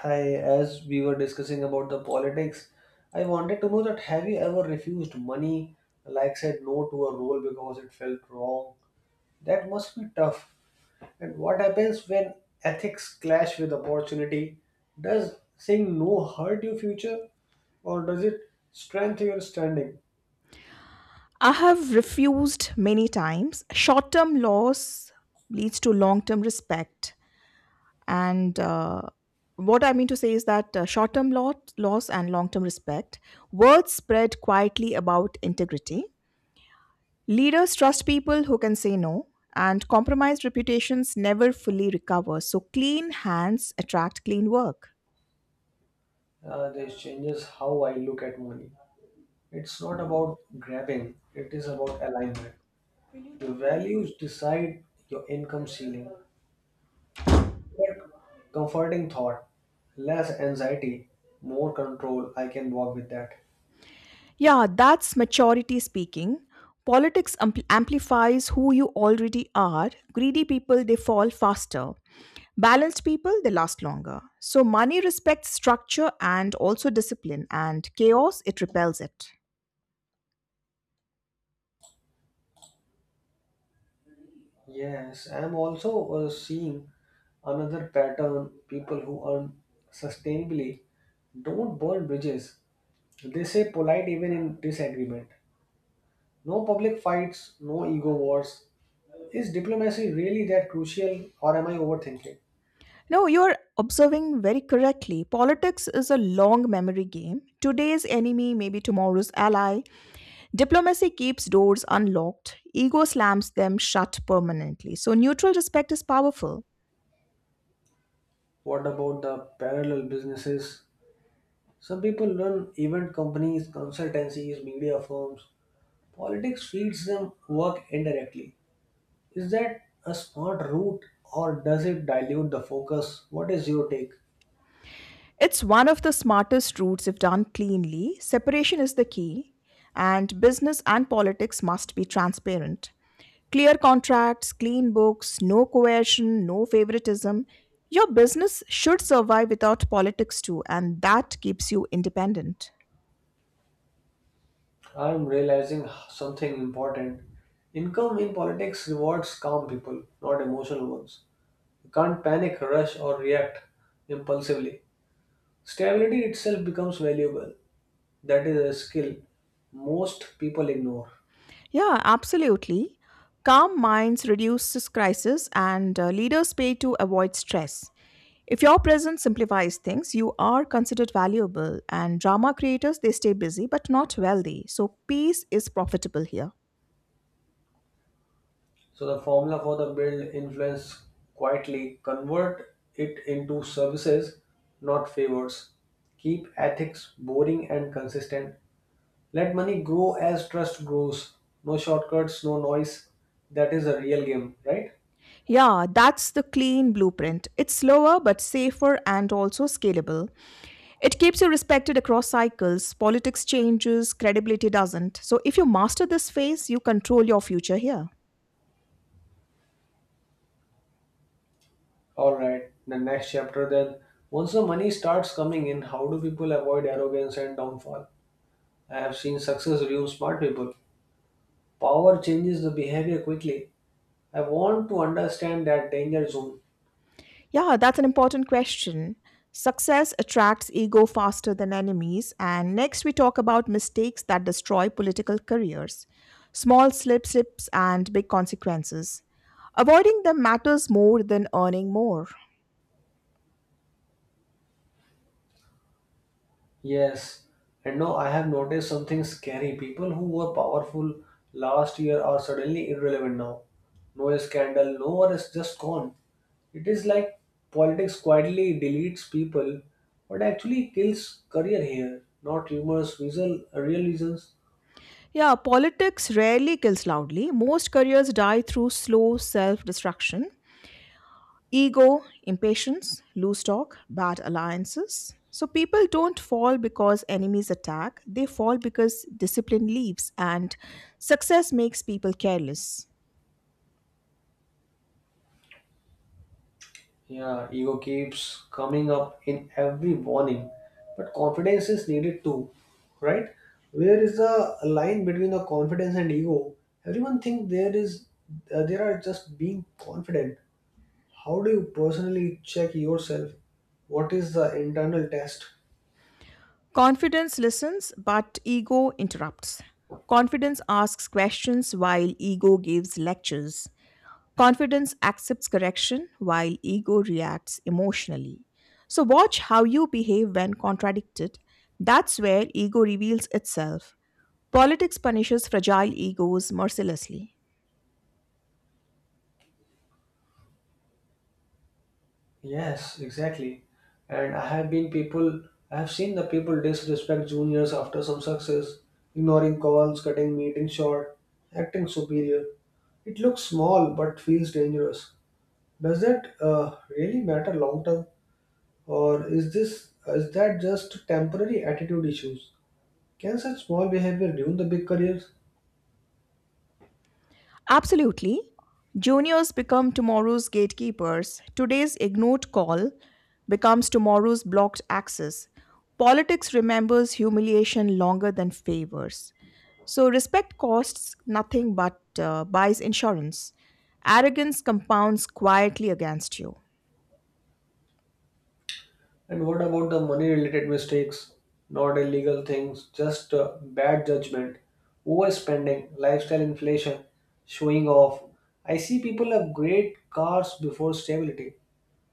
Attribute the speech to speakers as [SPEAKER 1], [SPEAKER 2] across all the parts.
[SPEAKER 1] Hi, as we were discussing about the politics, I wanted to know that have you ever refused money, like said no to a role because it felt wrong? That must be tough. And what happens when ethics clash with opportunity? Does saying no hurt your future or does it strengthen your standing?
[SPEAKER 2] I have refused many times. Short term loss leads to long term respect. And What I mean to say is that loss and long term respect, words spread quietly about integrity. Leaders trust people who can say no, and compromised reputations never fully recover. So, clean hands attract clean work.
[SPEAKER 1] This changes how I look at money. It's not about grabbing, it is about alignment. Your values decide your income ceiling. But comforting thought, less anxiety, more control. I can walk with that.
[SPEAKER 2] Yeah, that's maturity speaking. Politics amplifies who you already are. Greedy people, they fall faster. Balanced people, they last longer. So money respects structure and also discipline, and chaos, it repels it.
[SPEAKER 1] Yes, I'm also seeing another pattern. People who earn sustainably don't burn bridges. They say polite even in disagreement. No public fights, no ego wars. Is diplomacy really that crucial, or am I overthinking?
[SPEAKER 2] No, you're observing very correctly. Politics is a long memory game. Today's enemy may be tomorrow's ally. Diplomacy keeps doors unlocked, ego slams them shut permanently. So, neutral respect is powerful.
[SPEAKER 1] What about the parallel businesses? Some people run event companies, consultancies, media firms. Politics feeds them work indirectly. Is that a smart route or does it dilute the focus? What is your take?
[SPEAKER 2] It's one of the smartest routes if done cleanly. Separation is the key, and business and politics must be transparent. Clear contracts, clean books, no coercion, no favoritism. Your business should survive without politics too, and that keeps you independent.
[SPEAKER 1] I'm realizing something important. Income in politics rewards calm people, not emotional ones. You can't panic, rush, or react impulsively. Stability itself becomes valuable. That is a skill most people ignore.
[SPEAKER 2] Yeah, absolutely. Calm minds reduces crisis and leaders pay to avoid stress. If your presence simplifies things, you are considered valuable and drama creators they stay busy but not wealthy. So peace is profitable here.
[SPEAKER 1] So the formula for the build influence quietly, convert it into services, not favors. Keep ethics boring and consistent. Let money grow as trust grows. No shortcuts, no noise. That is a real game, right?
[SPEAKER 2] Yeah, that's the clean blueprint. It's slower but safer and also scalable. It keeps you respected across cycles, politics changes, credibility doesn't. So if you master this phase, you control your future here.
[SPEAKER 1] Alright, the next chapter then. Once the money starts coming in, how do people avoid arrogance and downfall? I have seen success ruin smart people. Power changes the behavior quickly. I want to understand that danger zone.
[SPEAKER 2] Yeah, that's an important question. Success attracts ego faster than enemies. And next, we talk about mistakes that destroy political careers, small slip slips and big consequences. Avoiding them matters more than earning more.
[SPEAKER 1] Yes, and no, I have noticed something scary. People who were powerful last year are suddenly irrelevant now. No scandal, no one is just gone. It is like politics quietly deletes people, but actually kills career here, not rumors, reason, real reasons.
[SPEAKER 2] Yeah, politics rarely kills loudly. Most careers die through slow self destruction. Ego, impatience, loose talk, bad alliances. So people don't fall because enemies attack, they fall because discipline leaves and success makes people careless.
[SPEAKER 1] Yeah, ego keeps coming up in every warning, but confidence is needed too, right? Where is the line between the confidence and ego? Everyone think there is, there are just being confident. How do you personally check yourself? What is the internal test?
[SPEAKER 2] Confidence listens, but ego interrupts. Confidence asks questions while ego gives lectures. Confidence accepts correction while ego reacts emotionally. So, watch how you behave when contradicted. That's where ego reveals itself. Politics punishes fragile egos mercilessly.
[SPEAKER 1] Yes, exactly. And I have been people, I have seen the people disrespect juniors after some success, ignoring calls, cutting meetings short, acting superior. It looks small but feels dangerous. Does that really matter long term, or is this is that just temporary attitude issues? Can such small behavior ruin the big careers?
[SPEAKER 2] Absolutely. Juniors become tomorrow's gatekeepers. Today's ignored call becomes tomorrow's blocked access. Politics remembers humiliation longer than favors. So, respect costs nothing but buys insurance. Arrogance compounds quietly against you.
[SPEAKER 1] And what about the money related mistakes? Not illegal things, just bad judgment, overspending, lifestyle inflation, showing off. I see people have great cars before stability.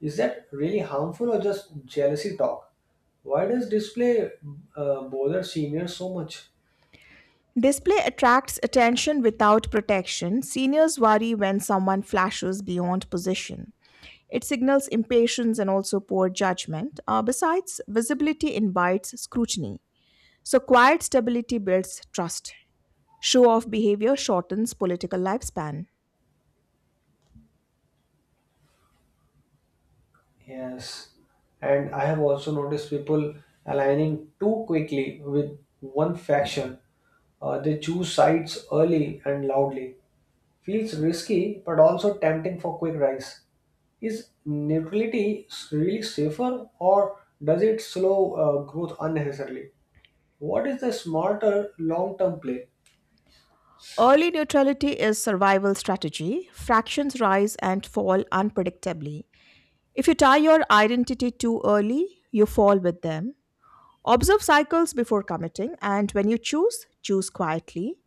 [SPEAKER 1] Is that really harmful or just jealousy talk? Why does display bother seniors so much?
[SPEAKER 2] Display attracts attention without protection. Seniors worry when someone flashes beyond position. It signals impatience and also poor judgment. Besides, visibility invites scrutiny. So, quiet stability builds trust. Show off behavior shortens political lifespan.
[SPEAKER 1] Yes, and I have also noticed people aligning too quickly with one faction. They choose sides early and loudly. Feels risky but also tempting for quick rise. Is neutrality really safer or does it slow growth unnecessarily? What is the smarter long term play?
[SPEAKER 2] Early neutrality is survival strategy. Fractions rise and fall unpredictably. If you tie your identity too early, you fall with them. Observe cycles before committing, and when you choose, choose quietly.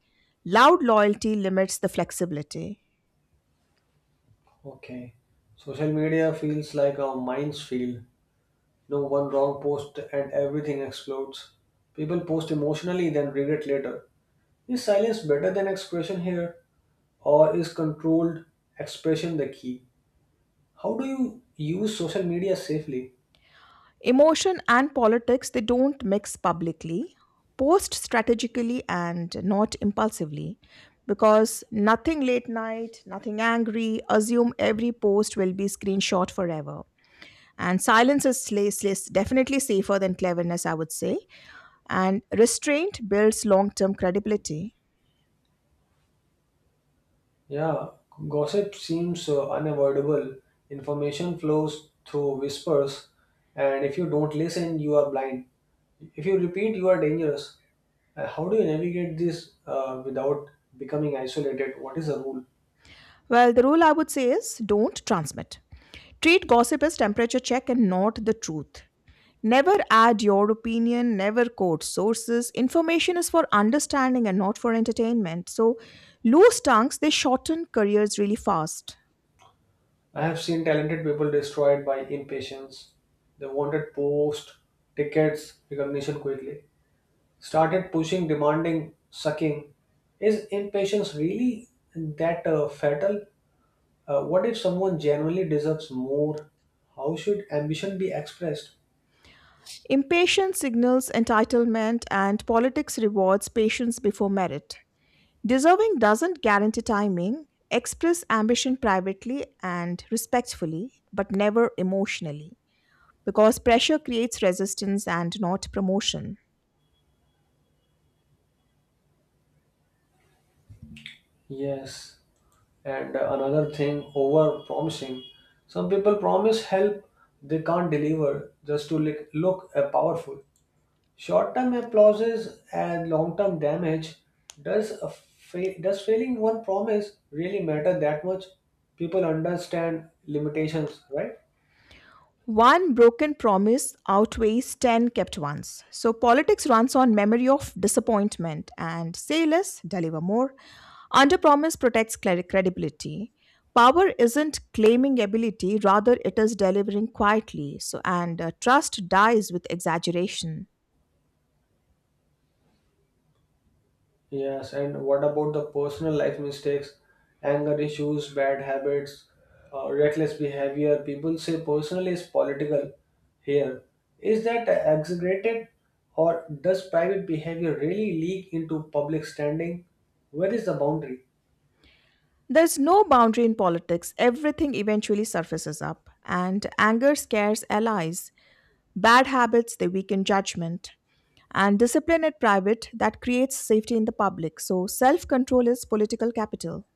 [SPEAKER 2] Loud loyalty limits the flexibility.
[SPEAKER 1] Okay, social media feels like a minefield. No one wrong post and everything explodes. People post emotionally, then regret later. Is silence better than expression here? Or is controlled expression the key? How do you use social media safely?
[SPEAKER 2] Emotion and politics, they don't mix publicly. Post strategically and not impulsively because nothing late night, nothing angry, assume every post will be screenshot forever. And silence is definitely safer than cleverness, I would say. And restraint builds long term credibility.
[SPEAKER 1] Yeah, gossip seems unavoidable. Information flows through whispers, and if you don't listen, you are blind. If you repeat, you are dangerous. How do you navigate this without becoming isolated? What is the rule?
[SPEAKER 2] Well, the rule I would say is don't transmit. Treat gossip as temperature check and not the truth. Never add your opinion, never quote sources. Information is for understanding and not for entertainment. So, loose tongues, they shorten careers really fast.
[SPEAKER 1] I have seen talented people destroyed by impatience. They wanted posts, tickets, recognition quickly. Started pushing, demanding, sucking. Is impatience really that fatal? What if someone genuinely deserves more? How should ambition be expressed?
[SPEAKER 2] Impatience signals entitlement, and politics rewards patience before merit. Deserving doesn't guarantee timing. Express ambition privately and respectfully, but never emotionally, because pressure creates resistance and not promotion.
[SPEAKER 1] Yes, and another thing, over promising. Some people promise help they can't deliver just to look powerful. Short term applauses and long term damage. Does, does failing one promise really matter that much? People understand limitations, right?
[SPEAKER 2] One broken promise outweighs 10 kept ones. So politics runs on memory of disappointment and say less, deliver more. Underpromise protects credibility. Power isn't claiming ability, rather, it is delivering quietly. So, and trust dies with exaggeration.
[SPEAKER 1] Yes, and what about the personal life mistakes, anger issues, bad habits, reckless behavior? People say personal is political here. Is that exaggerated, or does private behavior really leak into public standing? Where is the boundary?
[SPEAKER 2] There's no boundary in politics, everything eventually surfaces up, and anger scares allies. Bad habits, they weaken judgment. And discipline at private, that creates safety in the public. So self control is political capital.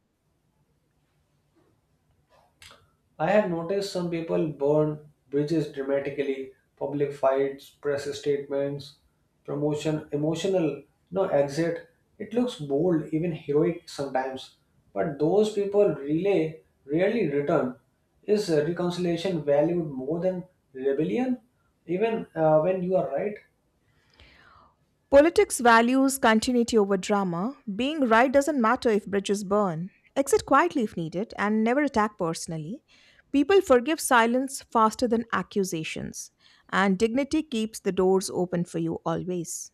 [SPEAKER 1] I have noticed some people burn bridges dramatically, public fights, press statements, promotion, emotional, no exit. It looks bold, even heroic sometimes. But those people really rarely return. Is reconciliation valued more than rebellion, even when you are right?
[SPEAKER 2] Politics values continuity over drama. Being right doesn't matter if bridges burn. Exit quietly if needed and never attack personally. People forgive silence faster than accusations. And dignity keeps the doors open for you always.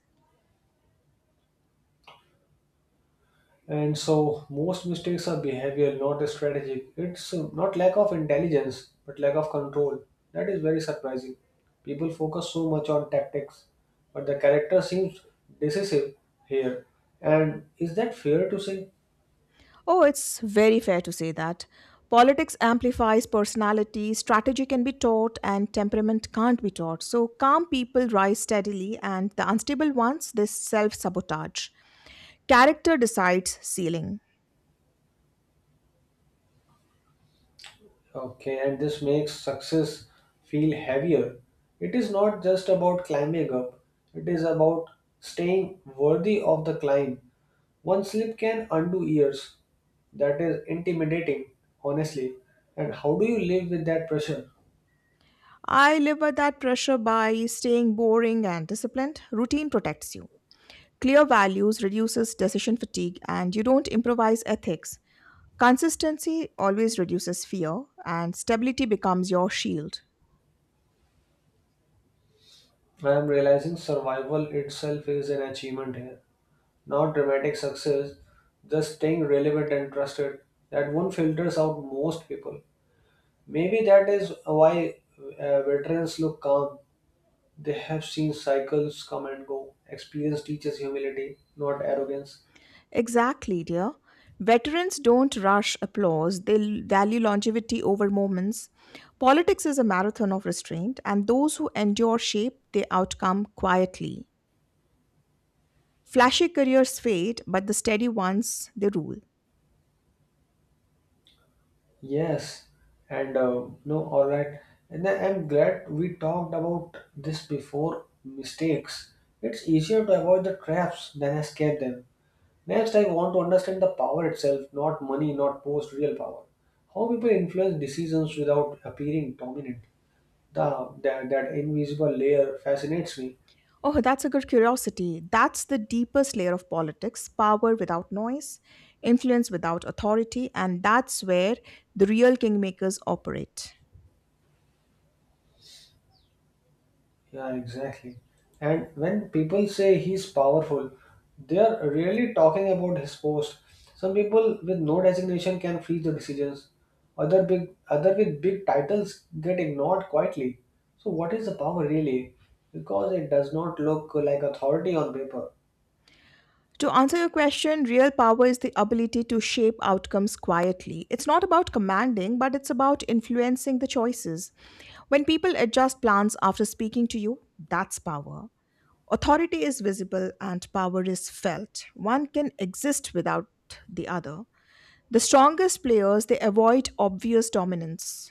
[SPEAKER 1] And so most mistakes are behavioral, not strategic. It's not lack of intelligence but lack of control. That is very surprising. People focus so much on tactics, but the character seems decisive here. And is that fair to say?
[SPEAKER 2] Oh, it's very fair to say that. Politics amplifies personality, strategy can be taught, and temperament can't be taught. So, calm people rise steadily, and the unstable ones, they self sabotage. Character decides ceiling.
[SPEAKER 1] Okay, and this makes success feel heavier. It is not just about climbing up, it is about staying worthy of the climb. One slip can undo years. That is intimidating, honestly. And how do you live with that pressure?
[SPEAKER 2] I live by that pressure by staying boring and disciplined. Routine protects you. Clear values reduces decision fatigue, and you don't improvise ethics. Consistency always reduces fear, and stability becomes your shield.
[SPEAKER 1] I am realizing survival itself is an achievement here. Not dramatic success, just staying relevant and trusted. That one filters out most people. Maybe that is why veterans look calm. They have seen cycles come and go. Experience teaches humility, not arrogance.
[SPEAKER 2] Exactly, dear. Veterans don't rush applause, they value longevity over moments. Politics is a marathon of restraint, and those who endure shape their outcome quietly. Flashy careers fade, but the steady ones, they rule.
[SPEAKER 1] Yes, and no, all right. And I'm glad we talked about this before mistakes. It's easier to avoid the traps than escape them. Next, I want to understand the power itself, not money, not post, real power. How people influence decisions without appearing dominant. That invisible layer fascinates me.
[SPEAKER 2] Oh, that's a good curiosity. That's the deepest layer of politics power without noise, influence without authority, and that's where the real kingmakers operate.
[SPEAKER 1] Yeah, exactly. And when people say he's powerful, they are really talking about his post. Some people with no designation can freeze the decisions. Other with big titles get ignored quietly. So what is the power really? Because it does not look like authority on paper.
[SPEAKER 2] To answer your question, real power is the ability to shape outcomes quietly. It's not about commanding, but it's about influencing the choices. When people adjust plans after speaking to you, that's power. Authority is visible and power is felt. One can exist without the other. The strongest players, they avoid obvious dominance.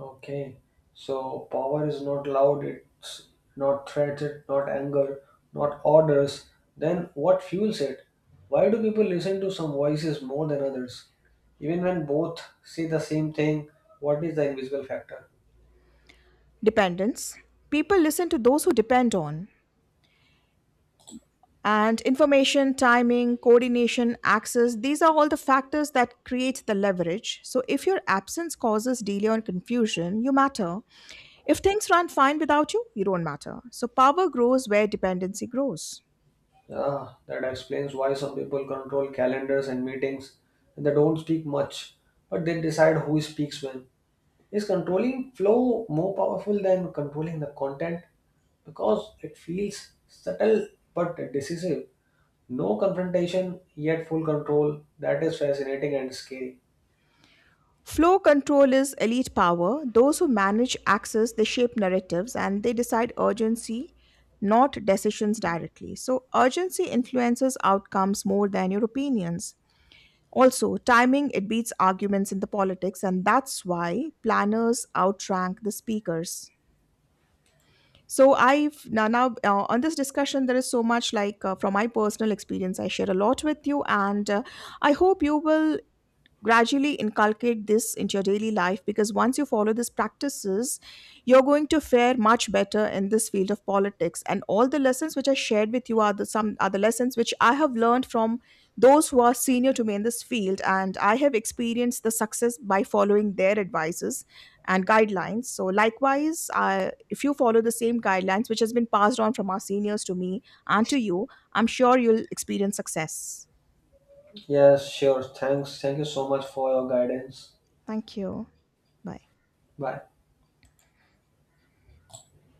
[SPEAKER 1] Okay, so power is not loud, it's not threats, it's not anger, not orders. Then what fuels it? Why do people listen to some voices more than others? Even when both say the same thing, what is the invisible factor?
[SPEAKER 2] Dependence. People listen to those who depend on. And information timing coordination access, these are all the factors that create the leverage. So if your absence causes delay or confusion, you matter. If things run fine without you, you don't matter. So power grows where dependency grows.
[SPEAKER 1] Yeah, that explains why some people control calendars and meetings and they don't speak much, but they decide who speaks when. Is controlling flow more powerful than controlling the content? Because it feels subtle but decisive. No confrontation, yet full control. That is fascinating and scary.
[SPEAKER 2] Flow control is elite power. Those who manage access, they shape narratives and they decide urgency, not decisions directly. So urgency influences outcomes more than your opinions. Also, timing it beats arguments in the politics, and that's why planners outrank the speakers. So I've now, now On this discussion there is so much, from my personal experience I share a lot with you, and I hope you will gradually inculcate this into your daily life, because once you follow these practices you're going to fare much better in this field of politics, and all the lessons which I shared with you are the, some are the lessons which I have learned from those who are senior to me in this field, and I have experienced the success by following their advices and guidelines. So likewise, if you follow the same guidelines which has been passed on from our seniors to me and to you, I'm sure you'll experience success.
[SPEAKER 1] Yes, sure. Thanks. Thank you so much for your guidance.
[SPEAKER 2] Thank you. Bye.
[SPEAKER 1] Bye.